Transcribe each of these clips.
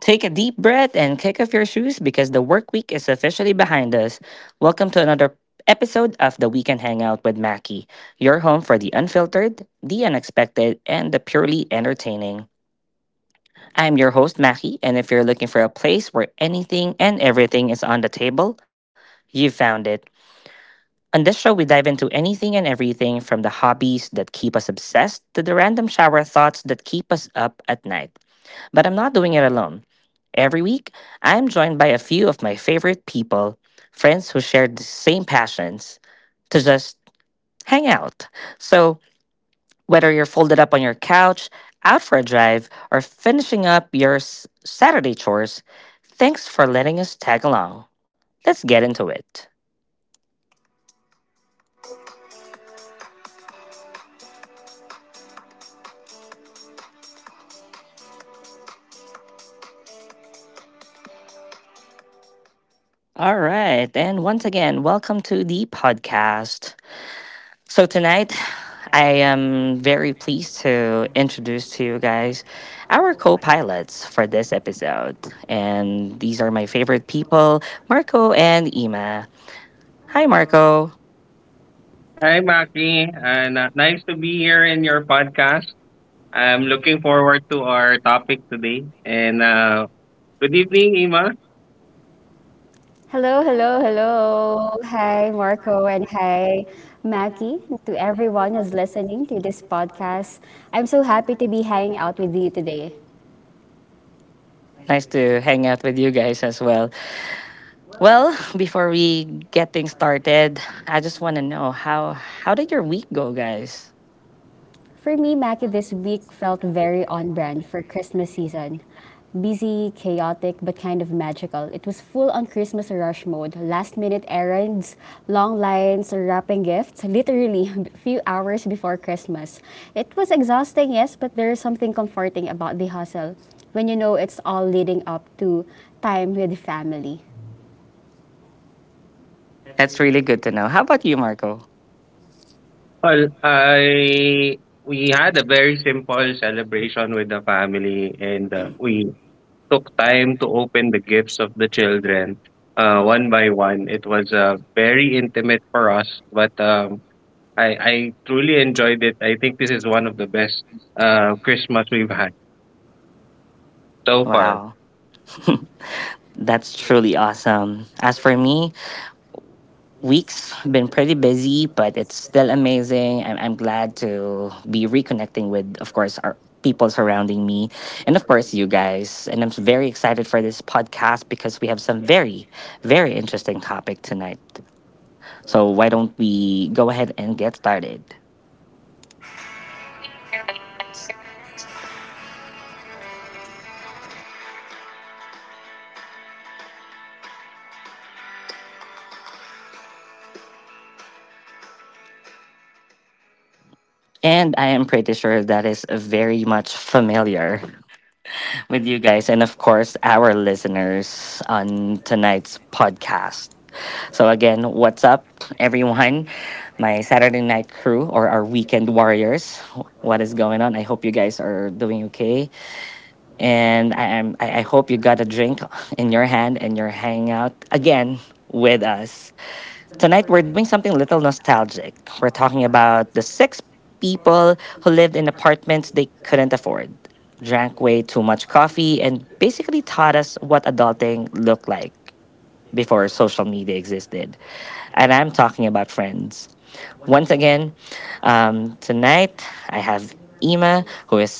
Take a deep breath and kick off your shoes because the work week is officially behind us. Welcome to another episode of the Weekend Hangout with Mackie, your home for the unfiltered, the unexpected, and the purely entertaining. I'm your host, Mackie, and if you're looking for a place where anything and everything is on the table, you've found it. On this show, we dive into anything and everything from the hobbies that keep us obsessed to the random shower thoughts that keep us up at night. But I'm not doing it alone. Every week, I am joined by a few of my favorite people, friends who share the same passions, to just hang out. So, whether you're folded up on your couch, out for a drive, or finishing up your Saturday chores, thanks for letting us tag along. Let's get into it. All right, and once again, welcome to the podcast. So tonight, I am very pleased to introduce to you guys our co-pilots for this episode, and these are my favorite people, Marco and Ima. Hi, Marco. Hi, Maki. And nice to be here in your podcast. I'm looking forward to our topic today. And good evening, Ima. Hello, hello, hello. Hi, Marco, and hi, Mackie, to everyone who's listening to this podcast. I'm so happy to be hanging out with you today. Nice to hang out with you guys as well. Well, before we get things started, I just want to know how did your week go, guys? For me, Mackie, this week felt very on brand for Christmas season. Busy, chaotic, but kind of magical. It was full on Christmas rush mode. Last minute errands, long lines, wrapping gifts, literally a few hours before Christmas. It was exhausting, yes, but there is something comforting about the hustle when you know it's all leading up to time with family. That's really good to know. How about you, Marco? Well, I we had a very simple celebration with the family, and we took time to open the gifts of the children one by one. It was very intimate for us, but I truly enjoyed it. I think this is one of the best Christmas we've had so far. Wow. That's truly awesome. As for me, weeks been pretty busy but it's still amazing. I'm glad to be reconnecting with of course our people surrounding me and of course you guys, and I'm very excited for this podcast because we have some very interesting topic tonight. So why don't we go ahead and get started. And I am pretty sure that is very much familiar with you guys and of course our listeners on tonight's podcast. So again, what's up everyone, my Saturday night crew or our weekend warriors. What is going on? I hope you guys are doing okay. And I am I hope you got a drink in your hand and you're hanging out again with us. Tonight we're doing something a little nostalgic. We're talking about the six people who lived in apartments they couldn't afford. Drank way too much coffee and basically taught us what adulting looked like before social media existed. And I'm talking about Friends once again. Tonight I have Ima, who is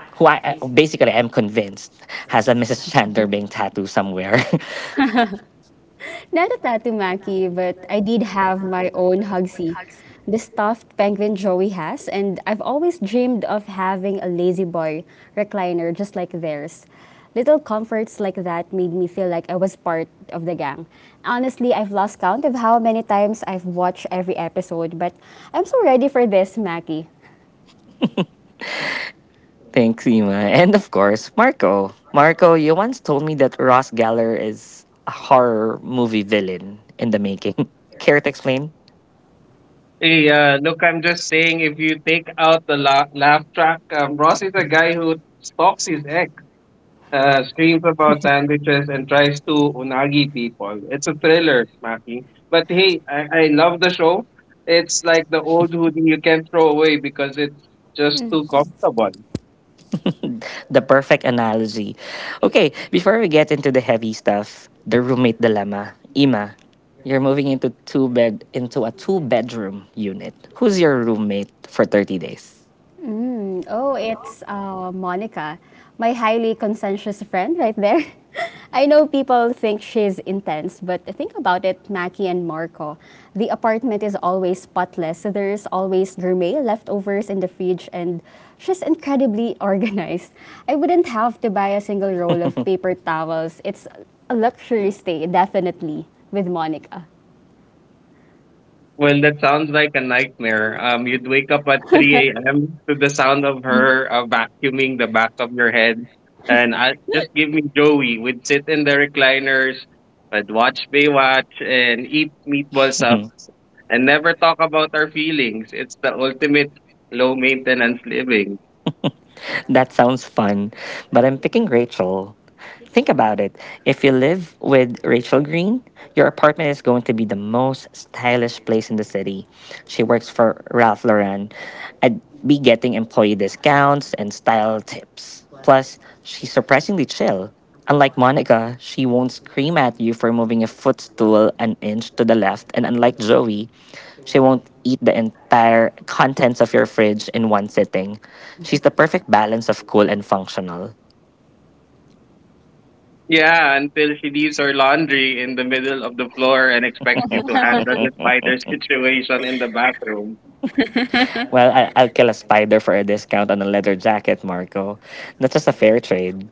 who I I- basically am convinced has a Mrs. Chandler Bing tattoo somewhere. Not a tattoo Maki, but I did have my own Hugsy, the stuffed penguin Joey has, and I've always dreamed of having a lazy boy recliner just like theirs. Little comforts like that made me feel like I was part of the gang. Honestly, I've lost count of how many times I've watched every episode, but I'm so ready for this, Maki. Thanks, Ima, and of course Marco. Marco, you once told me that Ross Geller is a horror movie villain in the making. Care to explain? Hey, look, I'm just saying, if you take out the laugh track, Ross is a guy who stalks his ex, screams about sandwiches, and tries to unagi people. It's a thriller, Maki. But hey, I love the show. It's like the old hoodie you can't throw away because it's just too comfortable. The perfect analogy. Okay, before we get into the heavy stuff, the roommate dilemma. Ima, you're moving into a two-bedroom unit. Who's your roommate for 30 days? Mm. Oh, it's Monica, my highly conscientious friend right there. I know people think she's intense, but think about it, Mackie and Marco. The apartment is always spotless, so there's always gourmet leftovers in the fridge, and she's incredibly organized. I wouldn't have to buy a single roll of paper towels. It's a luxury stay, definitely, with Monica. Well, that sounds like a nightmare. You'd wake up at 3 a.m. to the sound of her vacuuming the back of your head. And I just give me Joey. We'd sit in the recliners, I'd watch Baywatch and eat meatball sub and never talk about our feelings. It's the ultimate low maintenance living. That sounds fun, but I'm picking Rachel. Think about it. If you live with Rachel Green, your apartment is going to be the most stylish place in the city. She works for Ralph Lauren. I'd be getting employee discounts and style tips. Plus, she's surprisingly chill. Unlike Monica, she won't scream at you for moving a footstool an inch to the left, and unlike Zoe, she won't eat the entire contents of your fridge in one sitting. She's the perfect balance of cool and functional. Yeah, until she leaves her laundry in the middle of the floor and expects you to handle the spider situation in the bathroom. Well, I'll kill a spider for a discount on a leather jacket, Marco. That's just a fair trade.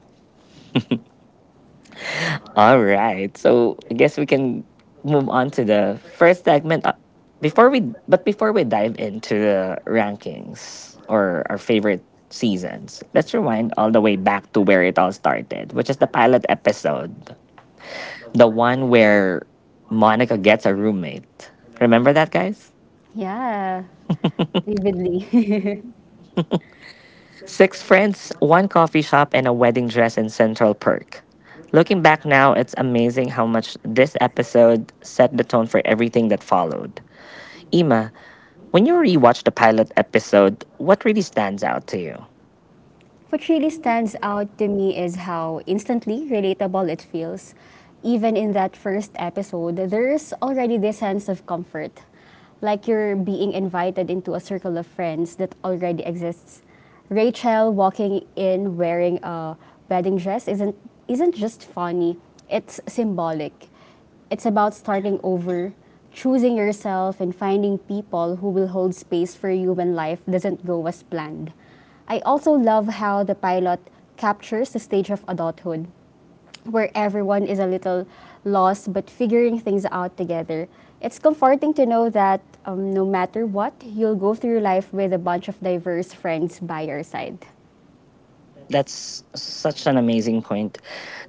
All right. So I guess we can move on to the first segment. But before we dive into the rankings or our favorite seasons, let's rewind all the way back to where it all started, which is the pilot episode. The one where Monica gets a roommate. Remember that, guys? Yeah, vividly. Six friends, one coffee shop, and a wedding dress in Central Perk. Looking back now, it's amazing how much this episode set the tone for everything that followed. Ima, when you rewatch the pilot episode, what really stands out to you? What really stands out to me is how instantly relatable it feels. Even in that first episode, there's already this sense of comfort, like you're being invited into a circle of friends that already exists. Rachel walking in wearing a wedding dress isn't just funny, it's symbolic. It's about starting over, choosing yourself, and finding people who will hold space for you when life doesn't go as planned. I also love how the pilot captures the stage of adulthood, where everyone is a little lost but figuring things out together. It's comforting to know that no matter what, you'll go through life with a bunch of diverse friends by your side. That's such an amazing point.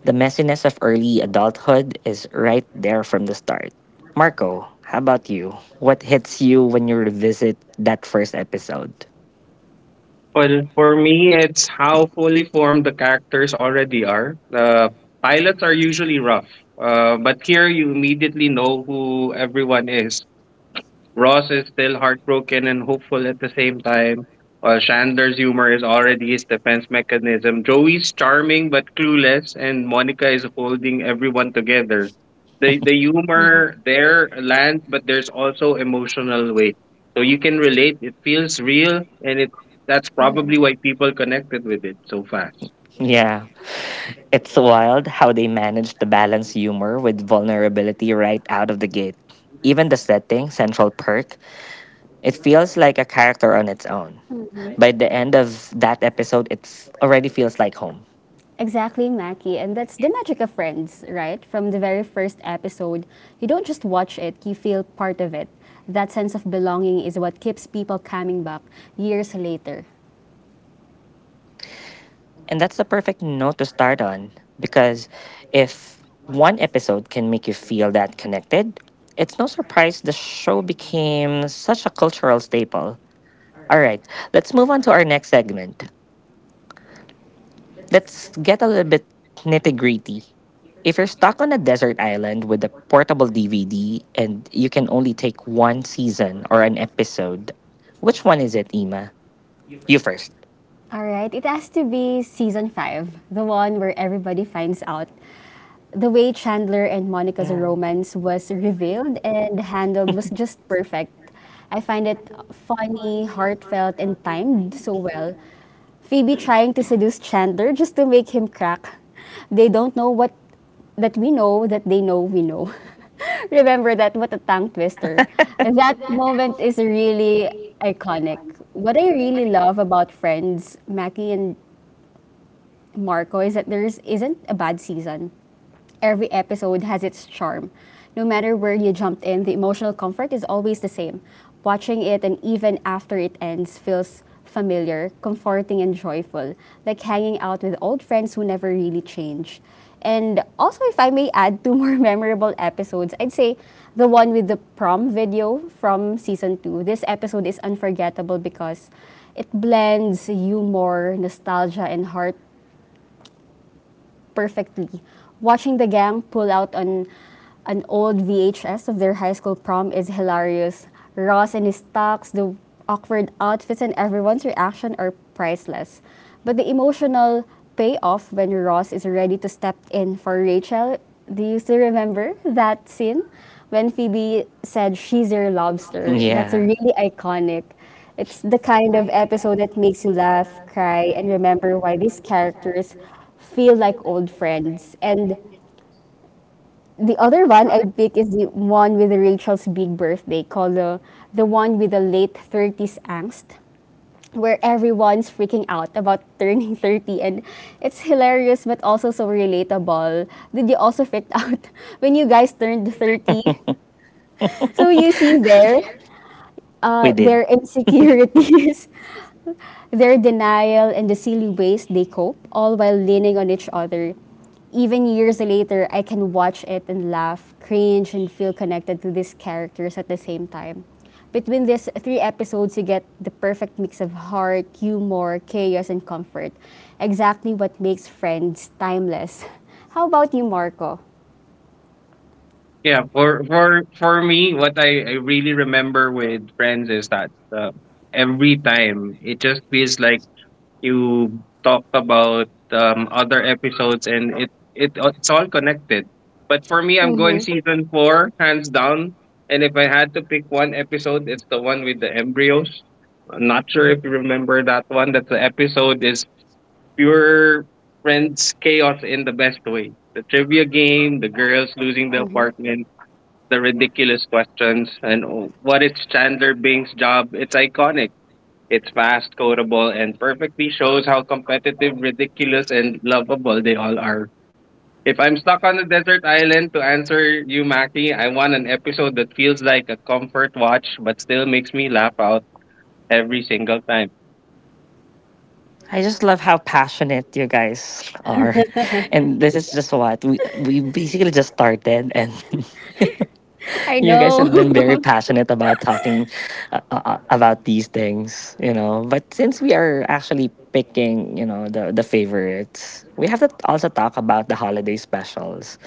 The messiness of early adulthood is right there from the start. Marco, how about you? What hits you when you revisit that first episode? Well, for me, it's how fully formed the characters already are. The pilots are usually rough, but here you immediately know who everyone is. Ross is still heartbroken and hopeful at the same time, while Chandler's humor is already his defense mechanism. Joey's charming but clueless, and Monica is holding everyone together. The Mm-hmm. humor there lands, but there's also emotional weight. So you can relate, it feels real, and it that's Mm-hmm. probably why people connected with it so fast. Yeah, it's wild how they managed to balance humor with vulnerability right out of the gate. Even the setting, Central Perk, it feels like a character on its own. Mm-hmm. By the end of that episode, it already feels like home. Exactly, Mackie. And that's the magic of Friends, right? From the very first episode, you don't just watch it, you feel part of it. That sense of belonging is what keeps people coming back years later. And that's the perfect note to start on because if one episode can make you feel that connected, it's no surprise the show became such a cultural staple. All right, let's move on to our next segment. Let's get a little bit nitty gritty. If you're stuck on a desert island with a portable DVD and you can only take one season or an episode, which one is it, Ima? You first. All right, it has to be season five, the one where everybody finds out the way Chandler and Monica's Yeah. romance was revealed and handled was just perfect. I find it funny, heartfelt, and timed so well. Phoebe trying to seduce Chandler just to make him crack. They don't know what that we know that they know we know. Remember that what a tongue twister. That moment is really iconic. What I really love about Friends, Mackie and Marco is that isn't a bad season. Every episode has its charm. No matter where you jumped in, the emotional comfort is always the same. Watching it and even after it ends feels familiar, comforting, and joyful, like hanging out with old friends who never really change. And also, if I may add two more memorable episodes, I'd say the one with the prom video from season two. This episode is unforgettable because it blends humor, nostalgia, and heart perfectly. Watching the gang pull out on an old VHS of their high school prom is hilarious. Ross and his tux, the awkward outfits, and everyone's reaction are priceless. But the emotional payoff when Ross is ready to step in for Rachel, do you still remember that scene? When Phoebe said, She's your lobster. That's Yeah. really iconic. It's the kind of episode that makes you laugh, cry, and remember why these characters feel like old friends. And the other one I pick is the one with Rachel's big birthday, called the one with the late 30s angst, where everyone's freaking out about turning 30. And it's hilarious, but also so relatable. Did you also freak out when you guys turned 30? So you see there, We did. their insecurities. Their denial and the silly ways they cope, all while leaning on each other. Even years later, I can watch it and laugh, cringe, and feel connected to these characters at the same time. Between these three episodes, you get the perfect mix of heart, humor, chaos, and comfort. Exactly what makes Friends timeless. How about you, Marco? Yeah, for me, what I really remember with Friends is that every time it just feels like you talked about other episodes and it's all connected. But for me, I'm going Mm-hmm. season four, hands down. And if I had to pick one episode, it's the one with the embryos. I'm not sure if you remember that one. That the episode is pure friends chaos in the best way. The trivia game, the girls losing the Mm-hmm. apartment, the ridiculous questions, and oh, what is Chandler Bing's job? It's iconic. It's fast, codable, and perfectly shows how competitive, ridiculous, and lovable they all are. If I'm stuck on a desert island, to answer you, Mackie, I want an episode that feels like a comfort watch but still makes me laugh out every single time. I just love how passionate you guys are. And this is just what we basically just started, and I you guys know. have been very passionate about talking about these things, you know. But since we are actually picking, you know, the favorites, we have to also talk about the holiday specials.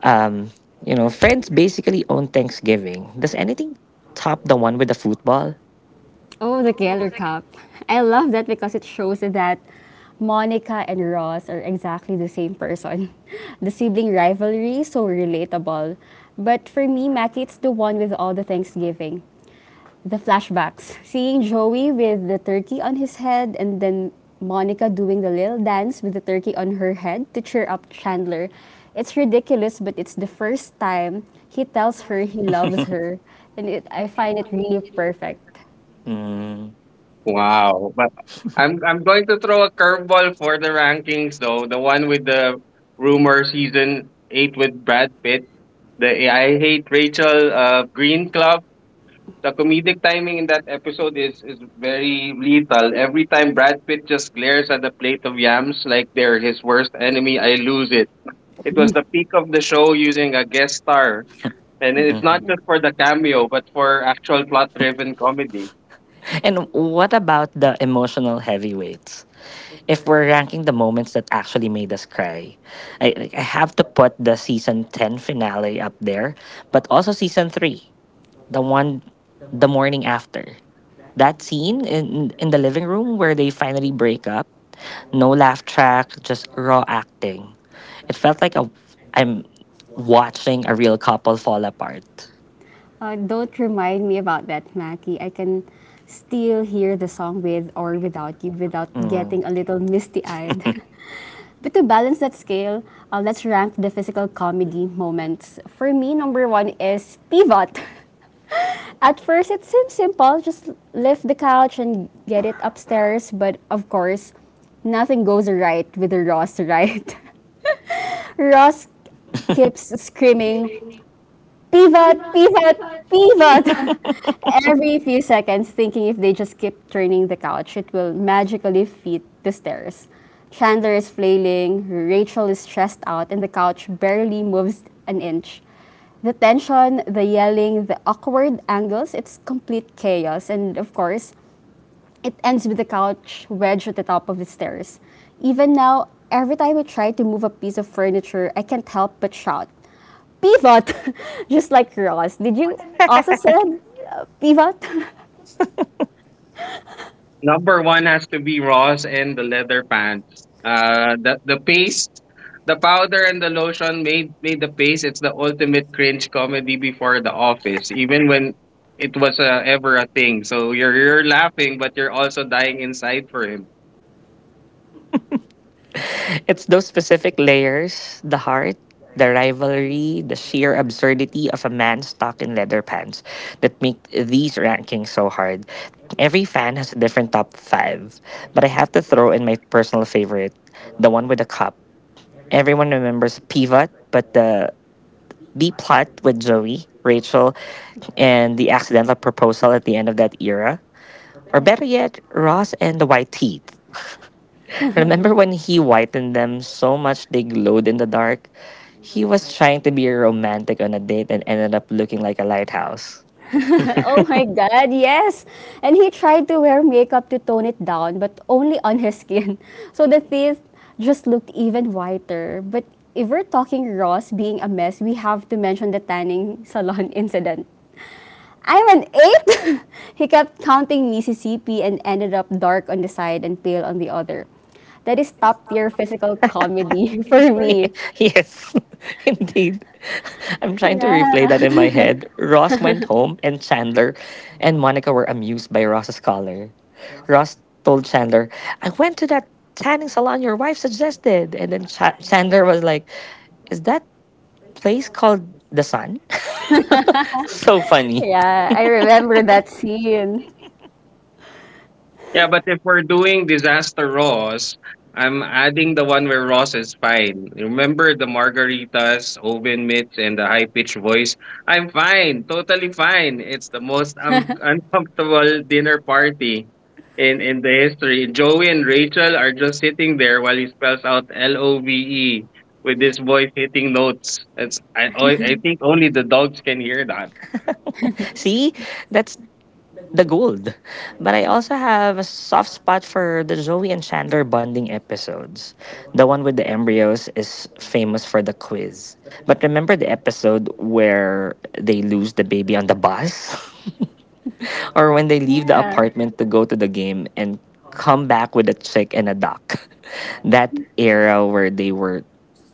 Um, you know, Friends basically own Thanksgiving. Does anything top the one with the football? Oh, the Keller Cup. I love that because it shows that Monica and Ross are exactly the same person. The sibling rivalry, so relatable. But for me, Mackie, it's the one with all the Thanksgiving. The flashbacks. Seeing Joey with the turkey on his head and then Monica doing the little dance with the turkey on her head to cheer up Chandler. It's ridiculous, but it's the first time he tells her he loves her. And it, I find it really perfect. Mm, Wow. But I'm going to throw a curveball for the rankings though. The one with the rumor, season eight with Brad Pitt, the I Hate Rachel Green Club. The comedic timing in that episode is very lethal. Every time Brad Pitt just glares at the plate of yams like they're his worst enemy, I lose it. It was the peak of the show using a guest star. And it's mhm. not Yeah. just for the cameo, but for actual plot driven comedy. And what about the emotional heavyweights? If we're ranking the moments that actually made us cry, I, like, I have to put the season 10 finale up there, but also season 3, the one the morning after. That scene in the living room where they finally break up, no laugh track, just raw acting. It felt like I'm watching a real couple fall apart. Don't remind me about that, Mackie. I can still hear the song with or without you without Mm. getting a little misty eyed. But to balance that scale, let's rank the physical comedy moments. For me, number one is pivot. At first, it seems simple just lift the couch and get it upstairs, but of course, nothing goes right with the Ross, right? Ross keeps screaming, pivot, pivot, pivot every few seconds, thinking if they just keep turning the couch, it will magically fit the stairs. Chandler is flailing, Rachel is stressed out, and the couch barely moves an inch. The tension, the yelling, the awkward angles, it's complete chaos. And of course, it ends with the couch wedged at the top of the stairs. Even now, every time I try to move a piece of furniture, I can't help but shout, Pivot! Just like Ross. Did you also said pivot? Number one has to be Ross and the leather pants. The paste, the powder and the lotion made the paste. It's the ultimate cringe comedy before The Office, even when it was ever a thing. So you're laughing, but you're also dying inside for him. It's those specific layers, the heart, the rivalry, the sheer absurdity of a man stuck in leather pants, that make these rankings so hard. Every fan has a different top five, but I have to throw in my personal favorite, the one with the cup. Everyone remembers Pivot, but the B plot with Joey, Rachel, and the accidental proposal at the end of that era. Or Yeah. better yet, Ross and the White Teeth. Remember when he whitened them so much they glowed in the dark? He was trying to be romantic on a date and ended up looking like a lighthouse. Oh my god, yes! And he tried to wear makeup to tone it down, but only on his skin. So the teeth just looked even whiter. But if we're talking Ross being a mess, we have to mention the tanning salon incident. I'm an eight. He kept counting Mississippi and ended up dark on the side and pale on the other. That is top tier physical comedy for me. Yes, indeed. I'm trying to replay Yeah. that in my head. Ross went home, and Chandler and Monica were amused by Ross's collar. Ross told Chandler, I went to that tanning salon your wife suggested. And then Chandler was like, Is that place called The Sun? So funny. Yeah, I remember that scene. Yeah, but if we're doing disaster Ross, I'm adding the one where Ross is fine. Remember the margaritas, oven mitts, and the high pitched voice? I'm fine, totally fine. It's the most uncomfortable dinner party in the history. Joey and Rachel are just sitting there while he spells out love with this voice hitting notes. It's, I think only the dogs can hear that. See, that's the gold. But I also have a soft spot for the Zoe and Chandler bonding episodes. The one with the embryos is famous for the quiz. But remember the episode where they lose the baby on the bus? Or when they leave the Yeah. apartment to go to the game and come back with a chick and a duck. That era where they were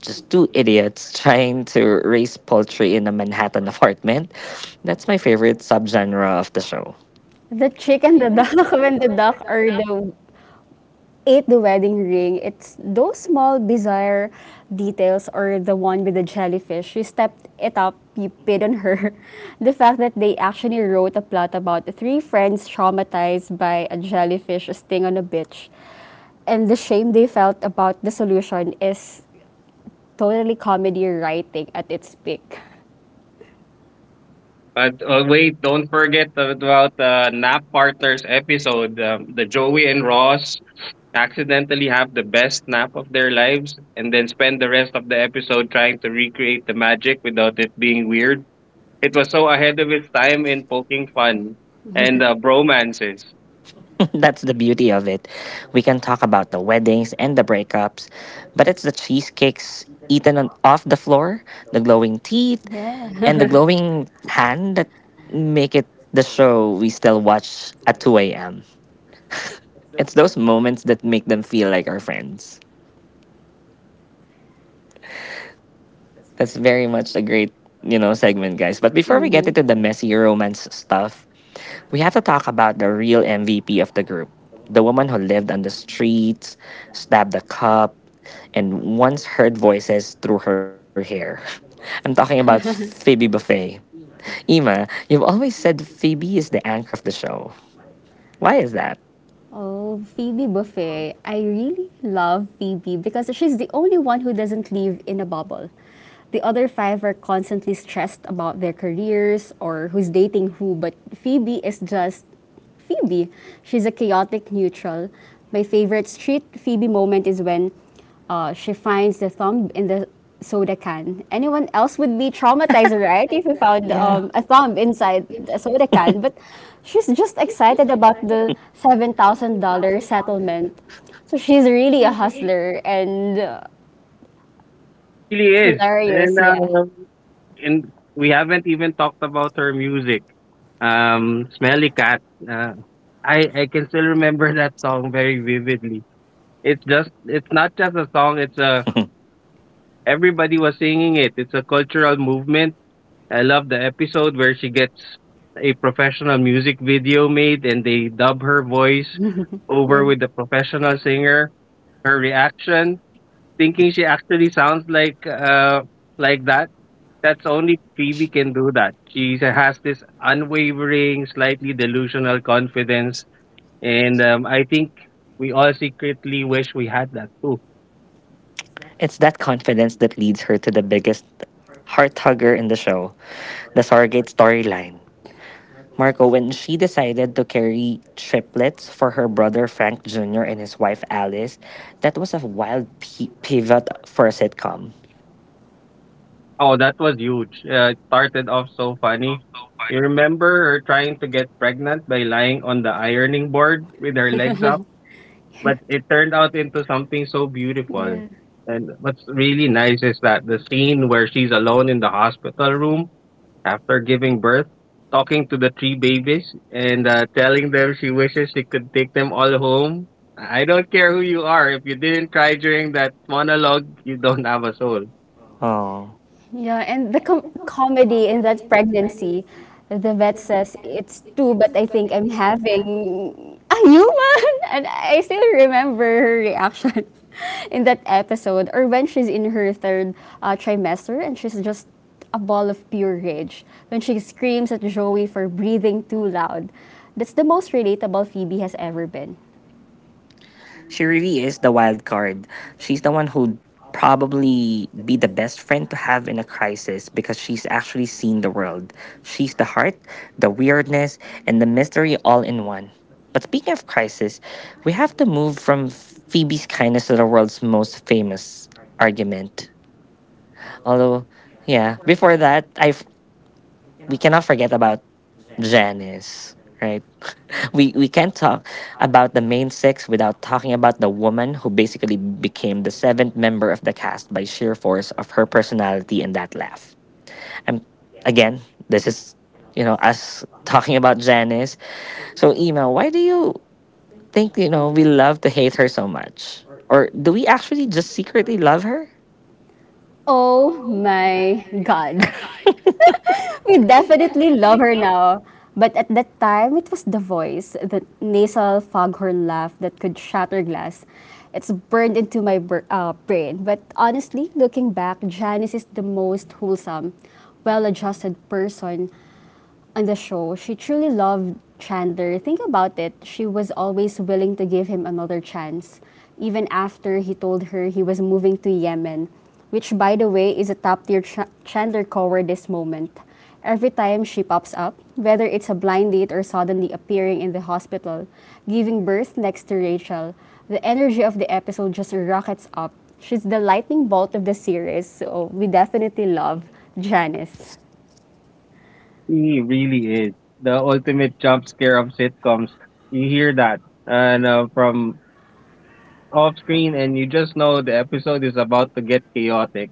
just two idiots trying to raise poultry in a Manhattan apartment. That's my favorite subgenre of the show. The chick and the duck when the duck are the ate the wedding ring, it's those small bizarre details or the one with the jellyfish. You stepped it up, you paid on her. The fact that they actually wrote a plot about three friends traumatized by a jellyfish sting on a beach. And the shame they felt about the solution is totally comedy writing at its peak. But wait, don't forget about the nap partners episode. The Joey and Ross accidentally have the best nap of their lives and then spend the rest of the episode trying to recreate the magic without it being weird. It was so ahead of its time in poking fun and bromances. That's the beauty of it. We can talk about the weddings and the breakups, but it's the cheesecakes eaten on, off the floor, the glowing teeth, Yeah. and the glowing hand that make it the show we still watch at 2 a.m. It's those moments that make them feel like our friends. That's very much a great, you know, segment, guys. But before we get Mm-hmm. into the messy romance stuff, we have to talk about the real MVP of the group. The woman who lived on the streets, stabbed a cop, and once heard voices through her hair. I'm talking about Phoebe Buffay. Ima, you've always said Phoebe is the anchor of the show. Why is that? Oh, Phoebe Buffay. I really love Phoebe because she's the only one who doesn't live in a bubble. The other five are constantly stressed about their careers or who's dating who, but Phoebe is just Phoebe. She's a chaotic neutral. My favorite street Phoebe moment is when she finds the thumb in the soda can. Anyone else would be traumatized, right? If we found a thumb inside a soda can. But she's just excited about the $7,000 settlement. So she's really a hustler and She really is. And, hilarious. Yeah. uh, and we haven't even talked about her music. Smelly Cat. Uh, I can still remember that song very vividly. It's just it's not just a song, it's a everybody was singing it. It's a cultural movement. I love the episode where she gets a professional music video made and they dub her voice Yeah. over with the professional singer. Her reaction, thinking she actually sounds like that. That's only Phoebe can do that. She has this unwavering, slightly delusional confidence, and I think we all secretly wish we had that too. It's that confidence that leads her to the biggest heart hugger in the show, the surrogate storyline. Marco, when she decided to carry triplets for her brother Frank Jr. and his wife Alice, that was a wild pivot for a sitcom. Oh, that was huge. It started off so funny. You remember her trying to get pregnant by lying on the ironing board with her legs up, but it turned out into something so beautiful. Yeah. And what's really nice is that the scene where she's alone in the hospital room after giving birth, talking to the three babies and telling them she wishes she could take them all home. I don't care who you are. If you didn't cry during that monologue, you don't have a soul. Oh. Yeah, and the comedy in that pregnancy, the vet says it's two, but I think I'm having a human. And I still remember her reaction in that episode, or when she's in her third trimester and she's just a ball of pure rage. When she screams at Joey for breathing too loud. That's the most relatable Phoebe has ever been. She really is the wild card. She's the one who'd probably be the best friend to have in a crisis because she's actually seen the world. She's the heart, the weirdness, and the mystery all in one. But speaking of crisis, we have to move from Phoebe's kindness to the world's most famous argument. Although, yeah, before that, we cannot forget about Janice, right? We can't talk about the main six without talking about the woman who basically became the seventh member of the cast by sheer force of her personality and that laugh. I'm again, this is, you know, us talking about Janice. So Ema, why do you think, you know, we love to hate her so much? Or do we actually just secretly love her? Oh my god. We definitely love her now. But at that time, it was the voice, the nasal foghorn laugh that could shatter glass. It's burned into my brain. But honestly, looking back, Janice is the most wholesome, well adjusted person on the show, she truly loved Chandler. Think about it. She was always willing to give him another chance, even after he told her he was moving to Yemen, which, by the way, is a top tier Chandler cover this moment. Every time she pops up, whether it's a blind date or suddenly appearing in the hospital, giving birth next to Rachel, the energy of the episode just rockets up. She's the lightning bolt of the series, so we definitely love Janice. He really is the ultimate jump scare of sitcoms. You hear that, and from off screen, and you just know the episode is about to get chaotic.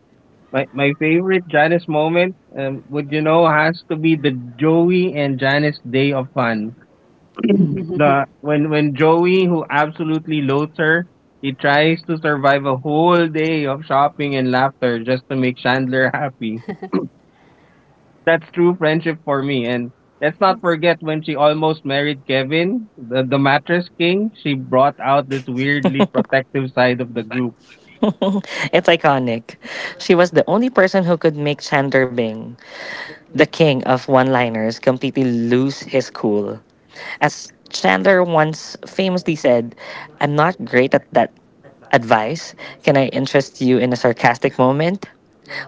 My favorite Janice moment, would you know, has to be the Joey and Janice day of fun. the when Joey, who absolutely loathes her, he tries to survive a whole day of shopping and laughter just to make Chandler happy, that's true friendship for me. And let's not Yes. forget when she almost married Kevin, the mattress king. She brought out this weirdly protective side of the group. It's iconic. She was the only person who could make Chandler Bing, the king of one liners, completely lose his cool. As Chandler once famously said, "I'm not great at that advice. Can I interest you in a sarcastic moment?"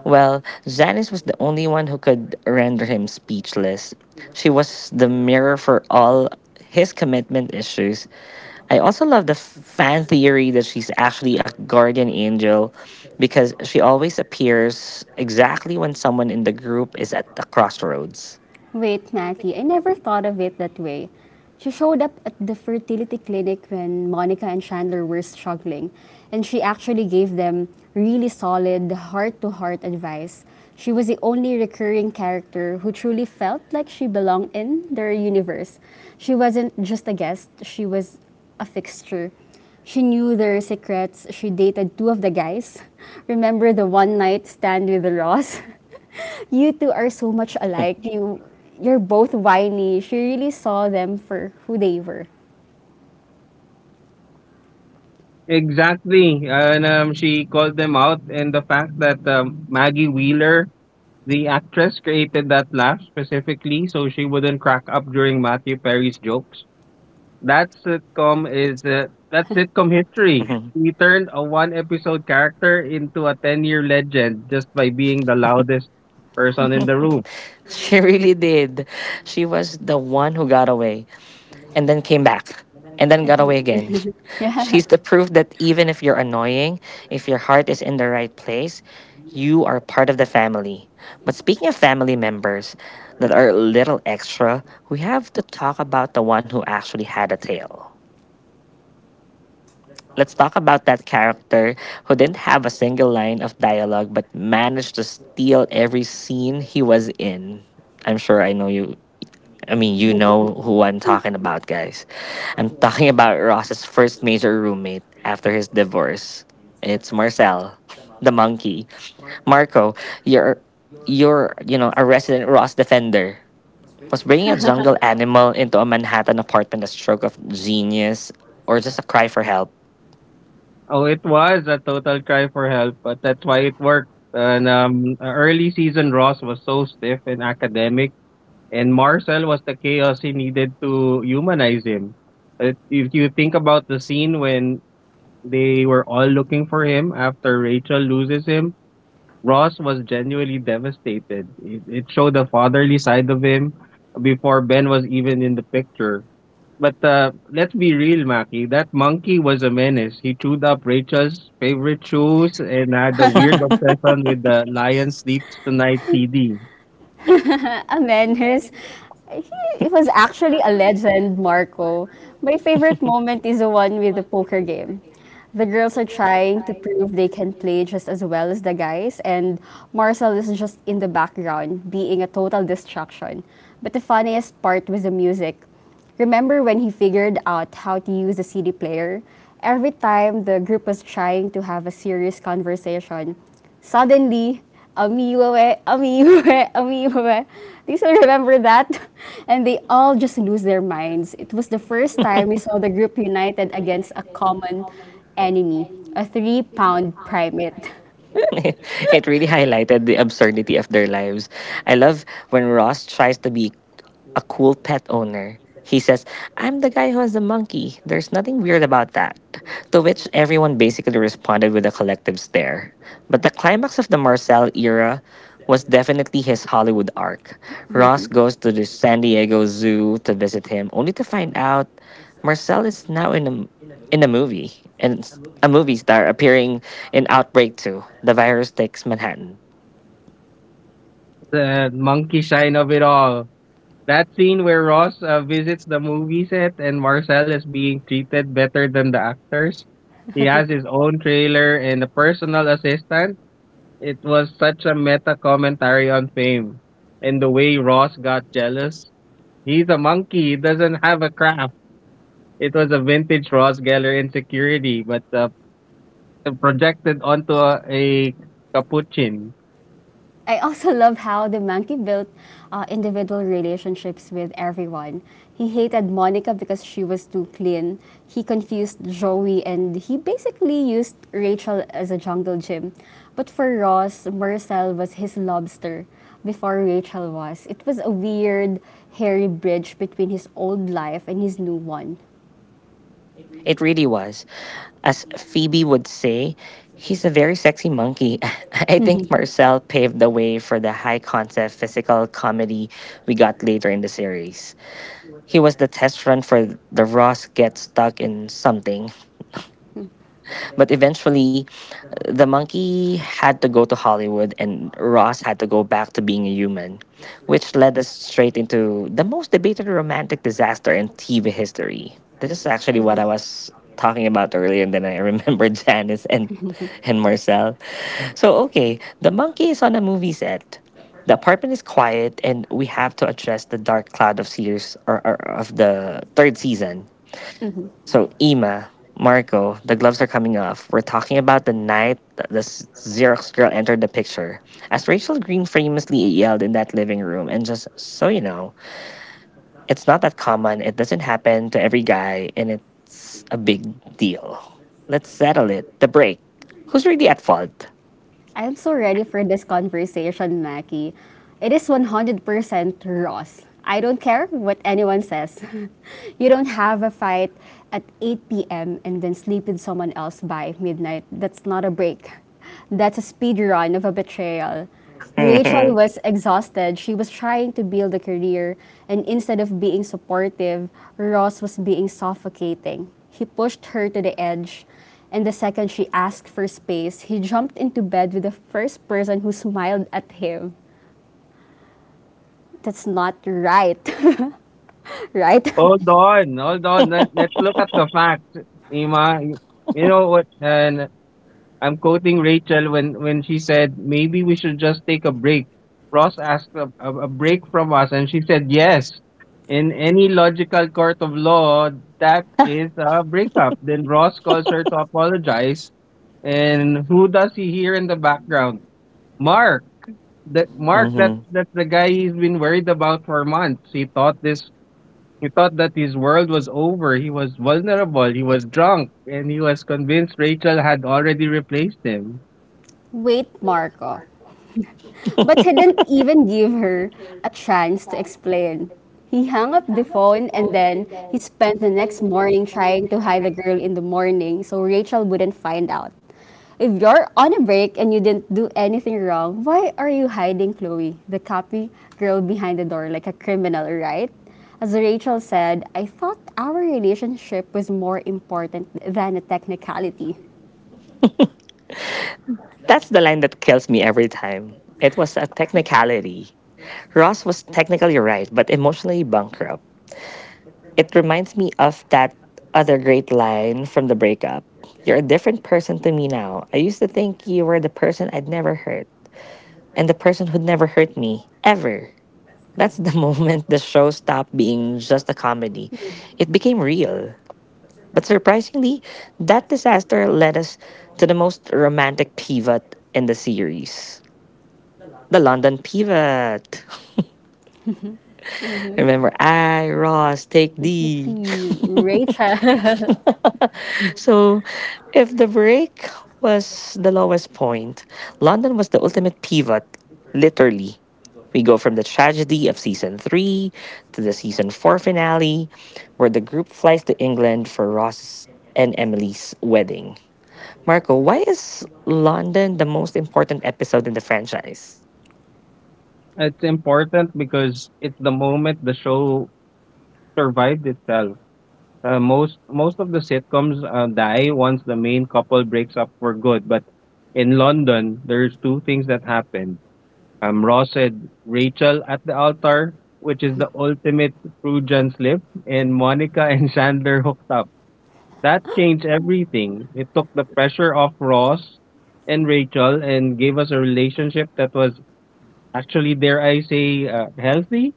Well, Janice was the only one who could render him speechless. She was the mirror for all his commitment issues. I also love the fan theory that she's actually a guardian angel because she always appears exactly when someone in the group is at the crossroads. Wait, Mackie, I never thought of it that way. She showed up at the fertility clinic when Monica and Chandler were struggling, and she actually gave them really solid, heart to heart advice. She was the only recurring character who truly felt like she belonged in their universe. She wasn't just a guest, she was a fixture. She knew their secrets. She dated two of the guys. Remember the one night stand with Ross? You two are so much alike. You're both whiny. She really saw them for who they were. Exactly. And she called them out. And the fact that Maggie Wheeler, the actress, created that laugh specifically so she wouldn't crack up during Matthew Perry's jokes. That sitcom is that sitcom history. Mhm. He turned a one episode character into a 10-year legend just by being the loudest person in the room. She really did. She was the one who got away and then came back and then got away again. Yeah. She's the proof that even if you're annoying, if your heart is in the right place, you are part of the family. But speaking of family members that are a little extra, we have to talk about the one who actually had a tail. Let's talk about that character who didn't have a single line of dialogue but managed to steal every scene he was in. I'm sure I know you. I mean, you know who I'm talking about, guys. I'm talking about Ross's first major roommate after his divorce. It's Marcel, the monkey. Marco, you're, you know, a resident Ross defender. Was bringing a jungle animal into a Manhattan apartment a stroke of genius or just a cry for help? Oh, it was a total cry for help, but that's why it worked. And early season Ross was so stiff and academic, and Marcel was the chaos he needed to humanize him. If you think about the scene when they were all looking for him after Rachel loses him, Ross was genuinely devastated. It showed the fatherly side of him before Ben was even in the picture. But let's be real, Maki. That monkey was a menace. He chewed up Rachel's favorite shoes and had a weird obsession with the Lion Sleeps Tonight CD. Amenes, he was actually a legend, Marco. My favorite moment is the one with the poker game. The girls are trying to prove they can play just as well as the guys, and Marcel is just in the background, being a total distraction. But the funniest part was the music. Remember when he figured out how to use the CD player? Every time the group was trying to have a serious conversation, suddenly, amiwe, amiwe, amiwe. Do you still remember that? And they all just lose their minds. It was the first time we saw the group united against a common enemy, a 3-pound primate. It really highlighted the absurdity of their lives. I love when Ross tries to be a cool pet owner. He says, "I'm the guy who has the monkey. There's nothing weird about that." To which everyone basically responded with a collective stare. But the climax of the Marcel era was definitely his Hollywood arc. Ross goes to the San Diego Zoo to visit him, only to find out Marcel is now in in a movie, and it's a movie star appearing in Outbreak 2: The Virus Takes Manhattan. The monkey shine of it all. That scene where Ross visits the movie set and Marcel is being treated better than the actors. He has his own trailer and a personal assistant. It was such a meta commentary on fame and the way Ross got jealous. He's a monkey, he doesn't have a craft. It was a vintage Ross Geller insecurity, but projected onto a capuchin. I also love how the monkey built individual relationships with everyone. He hated Monica because she was too clean. He confused Joey and he basically used Rachel as a jungle gym. But for Ross, Marcel was his lobster before Rachel was. It was a weird, hairy bridge between his old life and his new one. It really was. As Phoebe would say, he's a very sexy monkey. I think Marcel paved the way for the high concept physical comedy we got later in the series. He was the test run for the Ross gets stuck in something, but eventually the monkey had to go to Hollywood and Ross had to go back to being a human, which led us straight into the most debated romantic disaster in TV history. This is actually what I was talking about earlier, and then I remembered Janice and Marcel. So, okay, the monkey is on a movie set. The apartment is quiet, and we have to address the dark cloud of series or of the third season. So, Ima, Marco, the gloves are coming off. We're talking about the night that the Xerox girl entered the picture. As Rachel Green famously yelled in that living room, "And just so you know, it's not that common, it doesn't happen to every guy, and it's a big deal." Let's settle it. The break. Who's really at fault? I'm so ready for this conversation, Mackie. It is 100% Ross. I don't care what anyone says. You don't have a fight at 8 p.m. and then sleep with someone else by midnight. That's not a break. That's a speed run of a betrayal. Rachel Hmm. was exhausted. She was trying to build a career, and instead of being supportive, Ross was being suffocating. He pushed her to the edge, and the second she asked for space, he jumped into bed with the first person who smiled at him. That's not right. Right? Hold on, hold on. Let's look at the facts, Ima. You know what? And. I'm quoting Rachel when she said maybe we should just take a break. Ross asked a break from us, and she said yes. In any logical court of law, that is a breakup. Then Ross calls her to apologize, and who does he hear in the background? Mark. That Mark, Hmm. that's the guy he's been worried about for months. He thought this. He thought that his world was over. He was vulnerable. He was drunk, and he was convinced Rachel had already replaced him. Wait, Marco. But he didn't even give her a chance to explain. He hung up the phone and then he spent the next morning trying to hide the girl in the morning so Rachel wouldn't find out. If you're on a break and you didn't do anything wrong, why are you hiding Chloe, the copy girl behind the door, like a criminal, right? As Rachel said, I thought our relationship was more important than a technicality. That's the line that kills me every time. It was a technicality. Ross was technically right, but emotionally bankrupt. It reminds me of that other great line from the breakup. "You're a different person to me now. I used to think you were the person I'd never hurt and the person who'd never hurt me, ever." That's the moment the show stopped being just a comedy. It became real. But surprisingly, that disaster led us to the most romantic pivot in the series, the London pivot. Mhm. Remember, "I, Ross, take D." Completely Rachel. So, if the break was the lowest point, London was the ultimate pivot, literally. We go from the tragedy of season three to the season four finale, where the group flies to England for Ross's and Emily's wedding. Marco, why is London the most important episode in the franchise? It's important because it's the moment the show survived itself. Most of the sitcoms die once the main couple breaks up for good. But in London, there's two things that happened. Ross said Rachel at the altar, which is the ultimate Freudian slip, and Monica and Chandler hooked up. That changed everything. It took the pressure off Ross and Rachel and gave us a relationship that was actually, dare I say, healthy.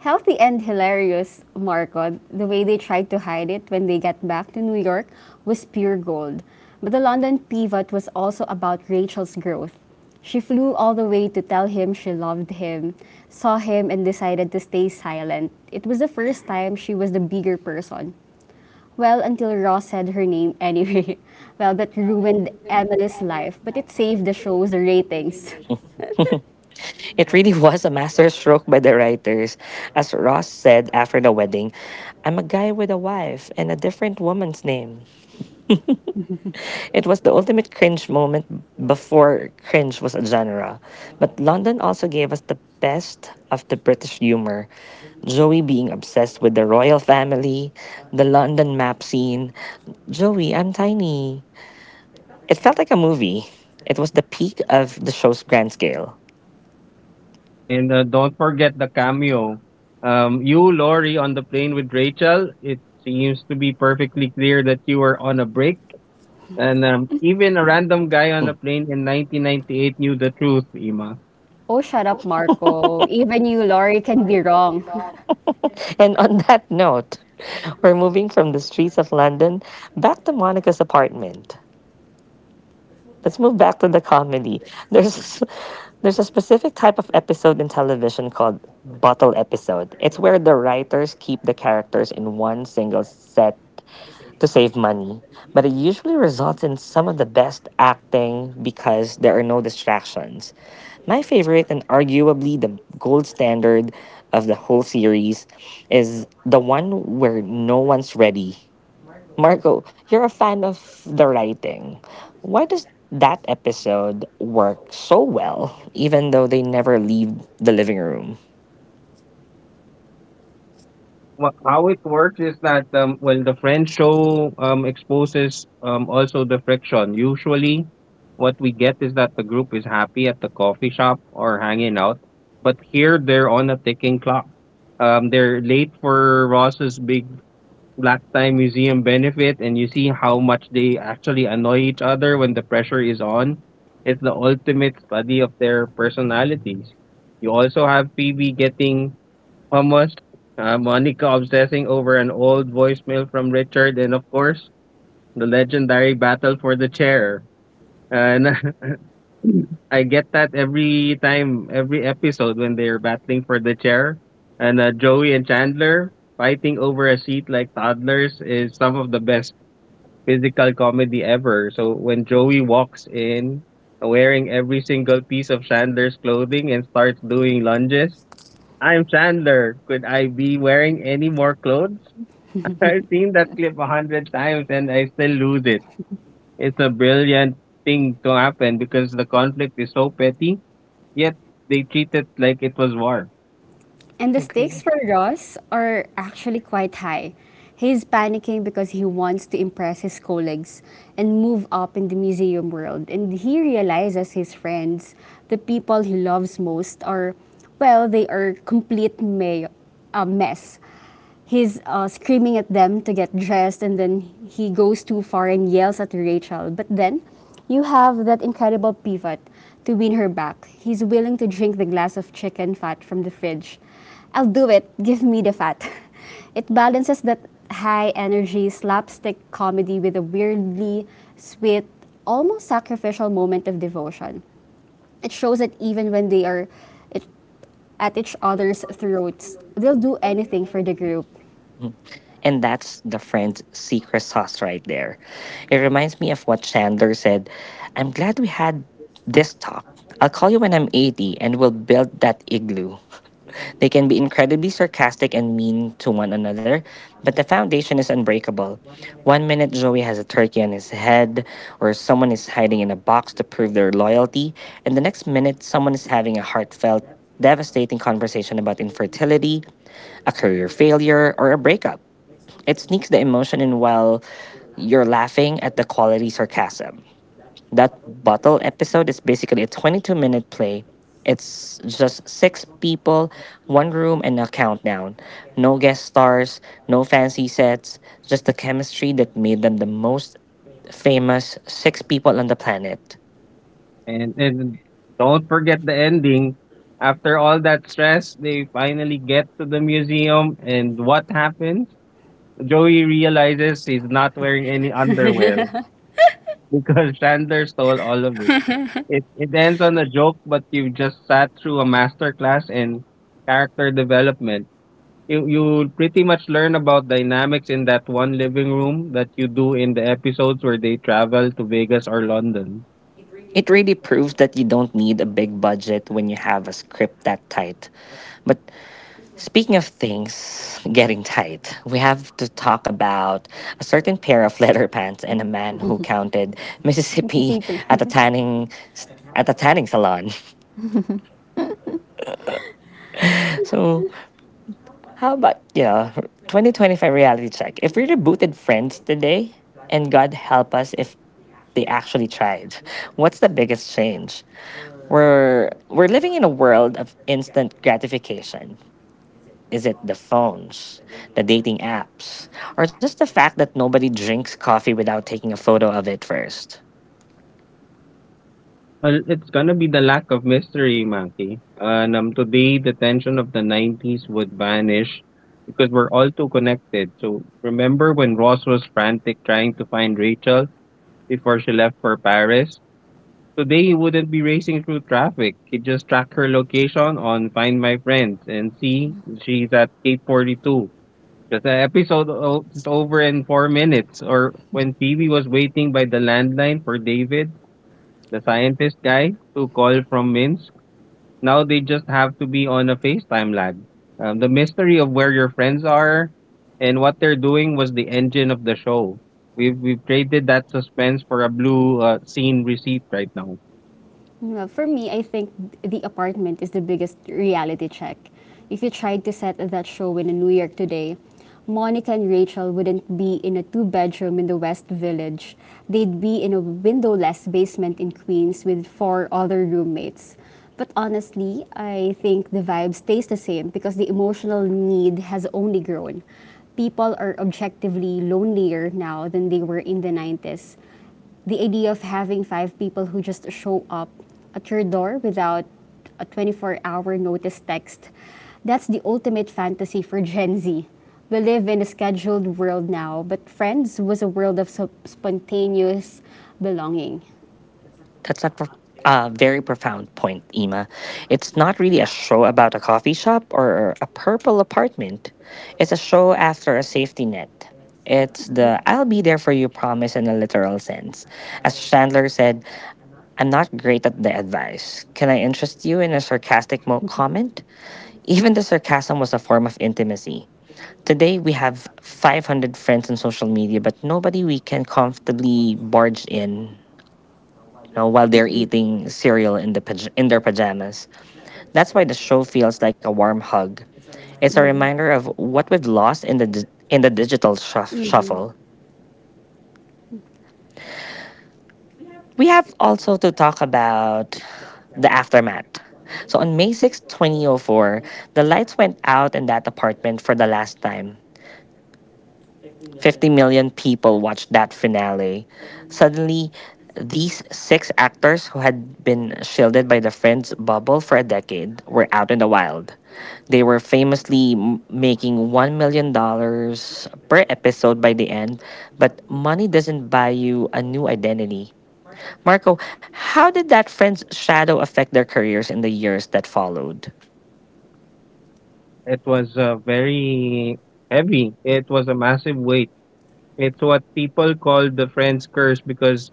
Healthy and hilarious, Marco. The way they tried to hide it when they got back to New York was pure gold. But the London pivot was also about Rachel's growth. She flew all the way to tell him she loved him, saw him, and decided to stay silent. It was the first time she was the bigger person. Well, until Ross said her name anyway. Well, that ruined Emily's life, but it saved the show's ratings. It really was a masterstroke by the writers. As Ross said after the wedding, "I'm a guy with a wife and a different woman's name." It was the ultimate cringe moment before cringe was a genre. But London also gave us the best of the British humor. Joey being obsessed with the royal family, the London map scene. "Joey, I'm tiny." It felt like a movie. It was the peak of the show's grand scale. And don't forget the cameo. You, Lori, on the plane with Rachel. It seems to be perfectly clear that you were on a break. And even a random guy on Hmm. a plane in 1998 knew the truth, Ima. Oh, shut up, Marco. Even you, Laurie, can be wrong. And on that note, we're moving from the streets of London back to Monica's apartment. Let's move back to the comedy. There's there's a specific type of episode in television called bottle episode. It's where the writers keep the characters in one single set to save money, but it usually results in some of the best acting because there are no distractions. My favorite and arguably the gold standard of the whole series is the one where no one's ready. Marco, you're a fan of the writing. Why does that episode work so well, even though they never leave the living room? How it works is that, well, the French show exposes also the friction. Usually, what we get is that the group is happy at the coffee shop or hanging out, but here they're on a ticking clock. Um, they're late for Ross's big Black Tie Museum benefit and you see how much they actually annoy each other when the pressure is on. It's the ultimate study of their personalities. You also have Phoebe getting hummus, Monica obsessing over an old voicemail from Richard, and of course, the legendary battle for the chair. And I get that every time, every episode when they're battling for the chair, and Joey and Chandler fighting over a seat like toddlers is some of the best physical comedy ever. So when Joey walks in wearing every single piece of Chandler's clothing and starts doing lunges, I'm Chandler. Could I be wearing any more clothes? I've seen that clip 100 times and I still lose it. It's a brilliant thing to happen because the conflict is so petty, yet they treat it like it was war. And the stakes Agree. for Ross are actually quite high. He's panicking because he wants to impress his colleagues and move up in the museum world. And he realizes his friends, the people he loves most, are, well, they are complete a mess. He's screaming at them to get dressed and then he goes too far and yells at Rachel. But then you have that incredible pivot to win her back. He's willing to drink the glass of chicken fat from the fridge. I'll do it. Give me the fat. It balances that high energy slapstick comedy with a weirdly sweet, almost sacrificial moment of devotion. It shows that even when they are it, at each other's throats, they'll do anything for the group. Mm. And that's the friend's secret sauce right there. It reminds me of what Chandler said. "I'm glad we had this talk. I'll call you when I'm 80 and we'll build that igloo." They can be incredibly sarcastic and mean to one another, but the foundation is unbreakable. One minute Joey has a turkey on his head, or someone is hiding in a box to prove their loyalty, and the next minute someone is having a heartfelt, devastating conversation about infertility, a career failure, or a breakup. It sneaks the emotion in while you're laughing at the quality sarcasm. That bottle episode is basically a 22-minute play. It's just six people, one room, and a countdown. No guest stars, no fancy sets, just the chemistry that made them the most famous six people on the planet. And don't forget the ending. After all that stress, they finally get to the museum and what happens? Joey realizes he's not wearing any underwear because Chandler stole all of it. It ends on a joke, but you just sat through a master class in character development. You pretty much learn about dynamics in that one living room that you do in the episodes where they travel to Vegas or London. It really proves that you don't need a big budget when you have a script that tight. But speaking of things getting tight, we have to talk about a certain pair of leather pants and a man who counted Mississippi at a tanning salon. So, how about, you know, 2025 reality check? If we rebooted Friends today, and God help us if they actually tried, what's the biggest change? We're living in a world of instant gratification. Is it the phones, the dating apps, or just the fact that nobody drinks coffee without taking a photo of it first? Well, it's gonna be the lack of mystery, Maki. And today, the tension of the 90s would vanish because we're all too connected. So remember when Ross was frantic trying to find Rachel before she left for Paris? Today, he wouldn't be racing through traffic. He'd just track her location on Find My Friends and see she's at 842. Because the is over in 4 minutes. Or when Phoebe was waiting by the landline for David, the scientist guy to call from Minsk. Now they just have to be on a FaceTime lag. The mystery of where your friends are and what they're doing was the engine of the show. We've traded that suspense for a blue scene receipt right now. Well, for me, I think The Apartment is the biggest reality check. If you tried to set that show in New York today, Monica and Rachel wouldn't be in a two bedroom in the West Village. They'd be in a windowless basement in Queens with four other roommates. But honestly, I think the vibe stays the same because the emotional need has only grown. People are objectively lonelier now than they were in the 90s. The idea of having five people who just show up at your door without a 24-hour notice text, that's the ultimate fantasy for Gen Z. We live in a scheduled world now, but Friends was a world of spontaneous belonging. That's a very profound point, Ima. It's not really a show about a coffee shop or a purple apartment. It's a show after a safety net. It's the I'll be there for you promise in a literal sense. As Chandler said, "I'm not great at the advice. Can I interest you in a sarcastic comment?" Even the sarcasm was a form of intimacy. Today, we have 500 friends on social media, but nobody we can comfortably barge in, you know, while they're eating cereal in, the paj- in their pajamas. That's why the That's stroke why the of the show federal feels part like a of warm it. hug. It's a It's reminder, a mm-hmm, reminder of of the what cost we've of lost in the, the di- in the digital. digital Mm-hmm. shuffle. We have also to talk about the aftermath. So on May 6, 2004, the lights went out in that apartment for the last time. 50 million people watched that finale. Suddenly, these six actors who had been shielded by the Friends bubble for a decade were out in the wild. They were famously making $1 million dollars per episode by the end, but money doesn't buy you a new identity. Marco, how did that Friends shadow affect their careers in the years that followed? It was very heavy. It was a massive weight. It's what people call the Friends curse because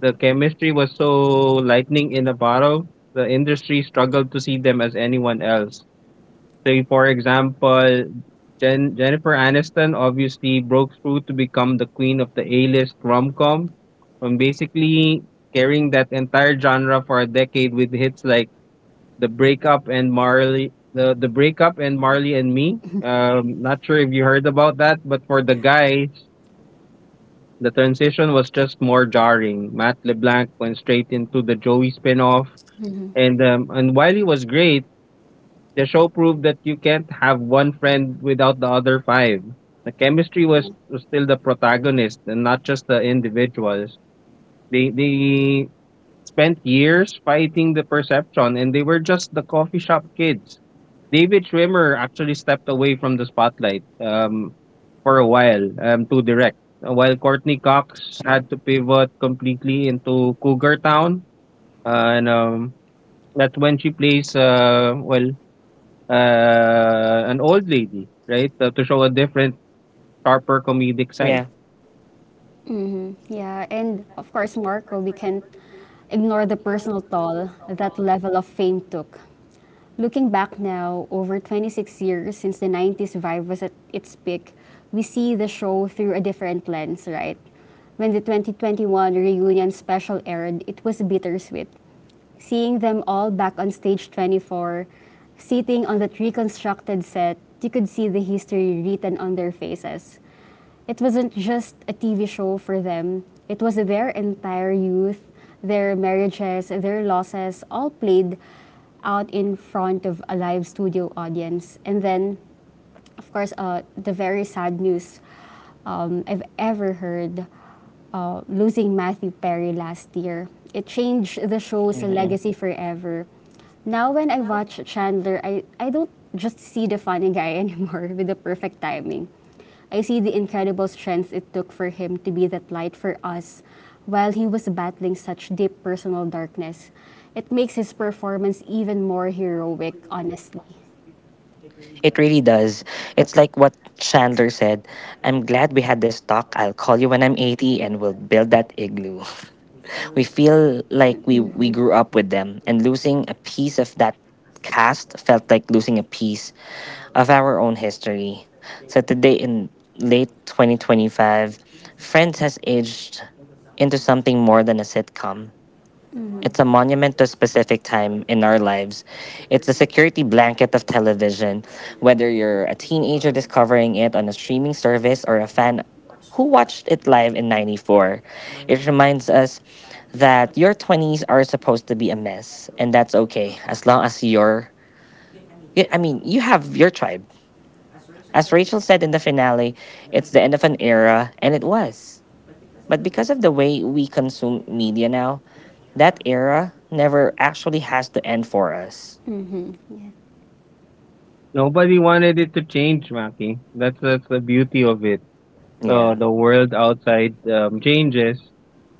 the chemistry was so lightning in a bottle. The industry struggled to see them as anyone else. Say for example, Jennifer Aniston obviously broke through to become the queen of the A-list rom-com, from basically carrying that entire genre for a decade with hits like the Breakup and Marley and Me. Not sure if you heard about that, but for the guys the transition was just more jarring. Matt LeBlanc went straight into the Joey spin-off, Mm-hmm. And while he was great, the show proved that you can't have one friend without the other 5. The chemistry was, Yeah. was still the protagonist and not just the individuals. They spent years fighting the perception and they were just the coffee shop kids. David Schwimmer actually stepped away from the spotlight for a while, to direct. While Courtney Cox had to pivot completely into Cougar Town. And That's when she plays, well, an old lady, right? To show a different, sharper comedic Yeah. side. Yeah, and of course, Marco, we can't ignore the personal toll that level of fame took. Looking back now, over 26 years since the 90s vibe was at its peak, we see the show through a different lens, right? When the 2021 reunion special aired, it was bittersweet seeing them all back on stage 24, sitting on that reconstructed set, you could see the history written on their faces. It wasn't just a TV show for them, it was their entire youth, their marriages, their losses, all played out in front of a live studio audience. And then of course, the very sad news I've ever heard, losing Matthew Perry last year. It changed the show's Mhm. legacy forever. Now, when I watch Chandler, I don't just see the funny guy anymore with the perfect timing. I see the incredible strength it took for him to be that light for us while he was battling such deep personal darkness. It makes his performance even more heroic, honestly. It really does. It's like what Chandler said. "I'm glad we had this talk. I'll call you when I'm 80 and we'll build that igloo." We feel like we grew up with them, and losing a piece of that cast felt like losing a piece of our own history. So today, in late 2025, Friends has aged into something more than a sitcom. It's a monument to a specific time in our lives. It's a security blanket of television, whether you're a teenager discovering it on a streaming service or a fan who watched it live in 94. It reminds us that your 20s are supposed to be a mess, and that's okay as long as you're. I mean, you have your tribe. As Rachel said in the finale, "It's the end of an era," and it was. But because of the way we consume media now, that era never actually has to end for us. Nobody wanted it to change, Maki. That's the beauty of it. Yeah, The world outside changes,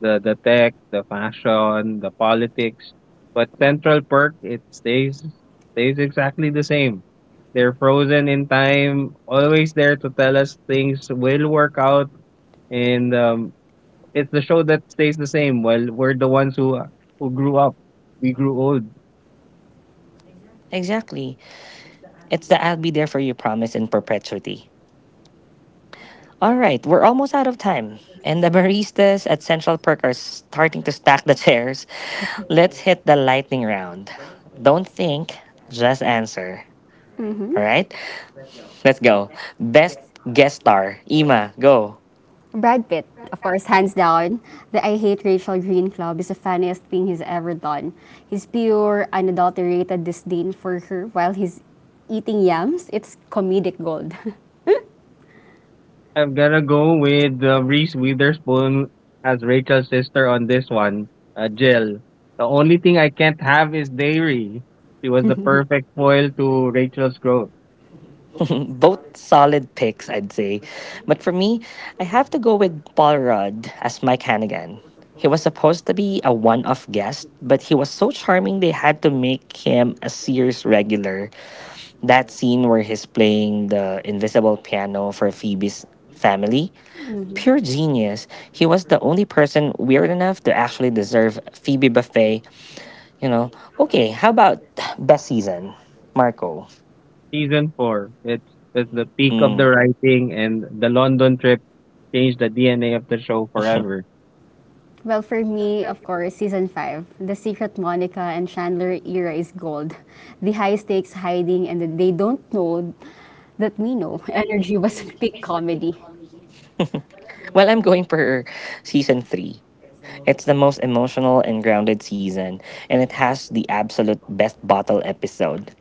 the tech, the fashion, the politics, but Central Perk it stays exactly the same. They're frozen in time, always there to tell us things will work out, and it's the show that stays the same. Well, we're the ones who grew up. We grew old. exactly. It's the I'll be there for you promise in perpetuity. All right, we're almost out of time. And the baristas at Central Perk are starting to stack the chairs. Let's hit the lightning round. Don't think, just answer. Mhm. All right, let's go. Best guest star, Ima, go. Brad Pitt, of course, hands down. The I Hate Rachel Green Club is the funniest thing he's ever done. His pure, unadulterated disdain for her while he's eating yams, it's comedic gold. I'm gonna go with Reese Witherspoon as Rachel's sister on this one. Jill. The only thing I can't have is dairy. She was the perfect foil to Rachel's growth. Both solid picks, I'd say. But for me, I have to go with Paul Rudd as Mike Hannigan. He was supposed to be a one off guest, but he was so charming they had to make him a series regular. That scene where he's playing the invisible piano for Phoebe's family, Mm-hmm. pure genius. He was the only person weird enough to actually deserve Phoebe Buffet. You know, okay, how about best season? Marco. Season 4. It's the peak of the Mm. writing, and the London trip changed the DNA of the show forever. Well, for me, of course, season five, the secret Monica and Chandler era is gold. The high stakes hiding and the they don't know that we know energy was peak comedy. Well, I'm going for season three. It's the most emotional and grounded season, and it has the absolute best bottle episode.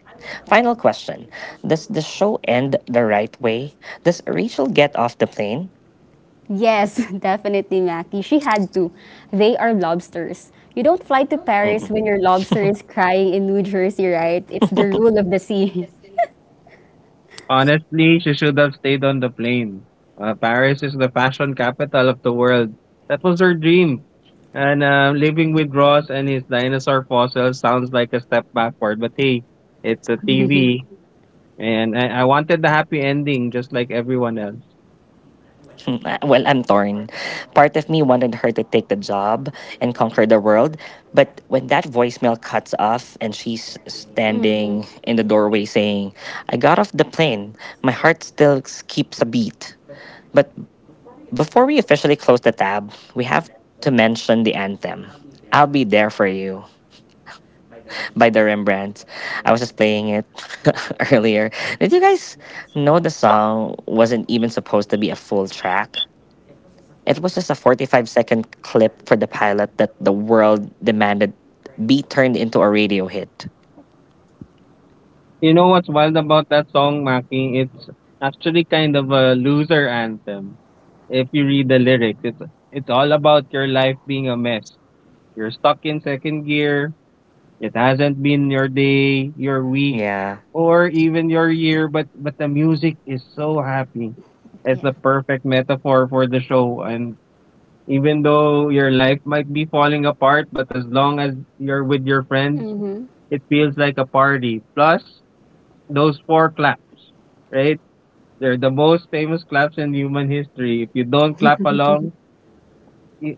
Final question. Does the show end the right way? Does Rachel get off the plane? Yes, definitely, Mackie. She had to. They are lobsters. You don't fly to Paris Mm-mm. when your lobster is crying in New Jersey, right? It's the rule of the sea. Honestly, she should have stayed on the plane. Paris is the fashion capital of the world. That was her dream. And living with Ross and his dinosaur fossil sounds like a step backward, but hey, it's a TV. And I wanted the happy ending just like everyone else. Hmm, well, I'm torn. Part of me wanted her to take the job and conquer the world, but when that voicemail cuts off and she's Mm-hmm. standing in the doorway saying, "I got off the plane," my heart still keeps a beat. But before we officially close the tab, we have to mention the anthem. I'll be there for you by the Rembrandt. I was just playing it earlier. Did you guys know the song wasn't even supposed to be a full track? It was just a 45-second clip for the pilot that the world demanded be turned into a radio hit. You know what's wild about that song, Maki? It's actually kind of a loser anthem. If you read the lyrics, it's all about your life being a mess. You're stuck in second gear. It hasn't been your day, your week, Yeah. or even your year, but the music is so happy. It's Yeah. the perfect metaphor for the show. And even though your life might be falling apart, but as long as you're with your friends, Mm-hmm. it feels like a party. Plus those 4 claps, right? They're the most famous claps in human history. If you don't clap along,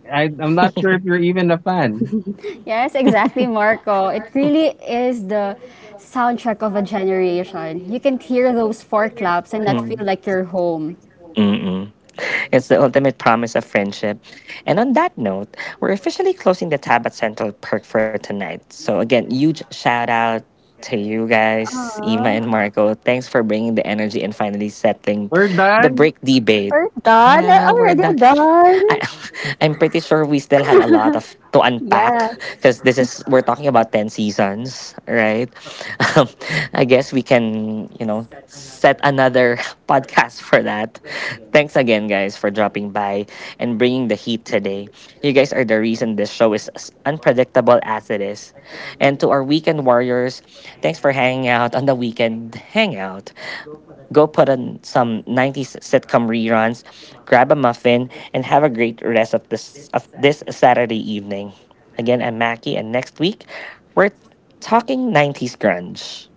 I'm not sure if Mm. you're even a fan. Yes, exactly, Marco. It really is the soundtrack of a generation. You can hear those four claps and not feel like you're home. Mm-mm. It's the ultimate promise of friendship. And on that note, we're officially closing the tab at Central Perk for tonight. So, again, huge shout out to you guys, Ima Aw. and Marco. Thanks for bringing the energy and finally settling We're the done. break debate. We're done. We're Yeah, we're done. already I, done. I'm pretty sure we still have a lot of to unpack Yes. because this is we're talking about ten seasons, right? Um, I guess we can, you know, set another podcast for that. Thanks again, guys, for dropping by and bringing the heat today. You guys are the reason this show is as unpredictable as it is. And to our weekend warriors, thanks for hanging out on the weekend hangout. Go put on some 90s sitcom reruns, grab a muffin, and have a great rest of this Saturday evening. Again, I'm Mackie, and next week we're talking 90s grunge.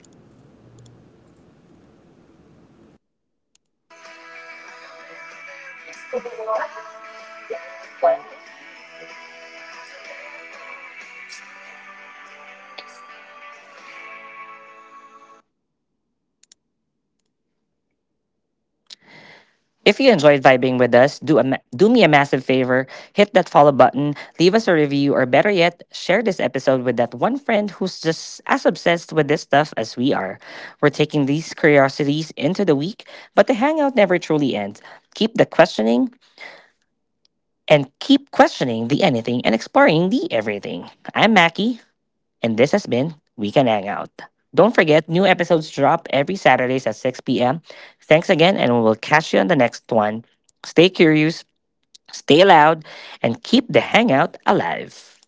If you enjoyed vibing with us, do do me a massive favor, hit that follow button, leave us a review, or better yet, share this episode with that one friend who's just as obsessed with this stuff as we are. We're taking these curiosities into the week, but the hangout never truly ends. Keep the questioning, and keep questioning the anything and exploring the everything. I'm Mackie, and this has been We Can Hang Out. Don't forget, new episodes drop every Saturdays at 6 p.m. Thanks again, and we will catch you on the next one. Stay curious, stay loud, and keep the hangout alive.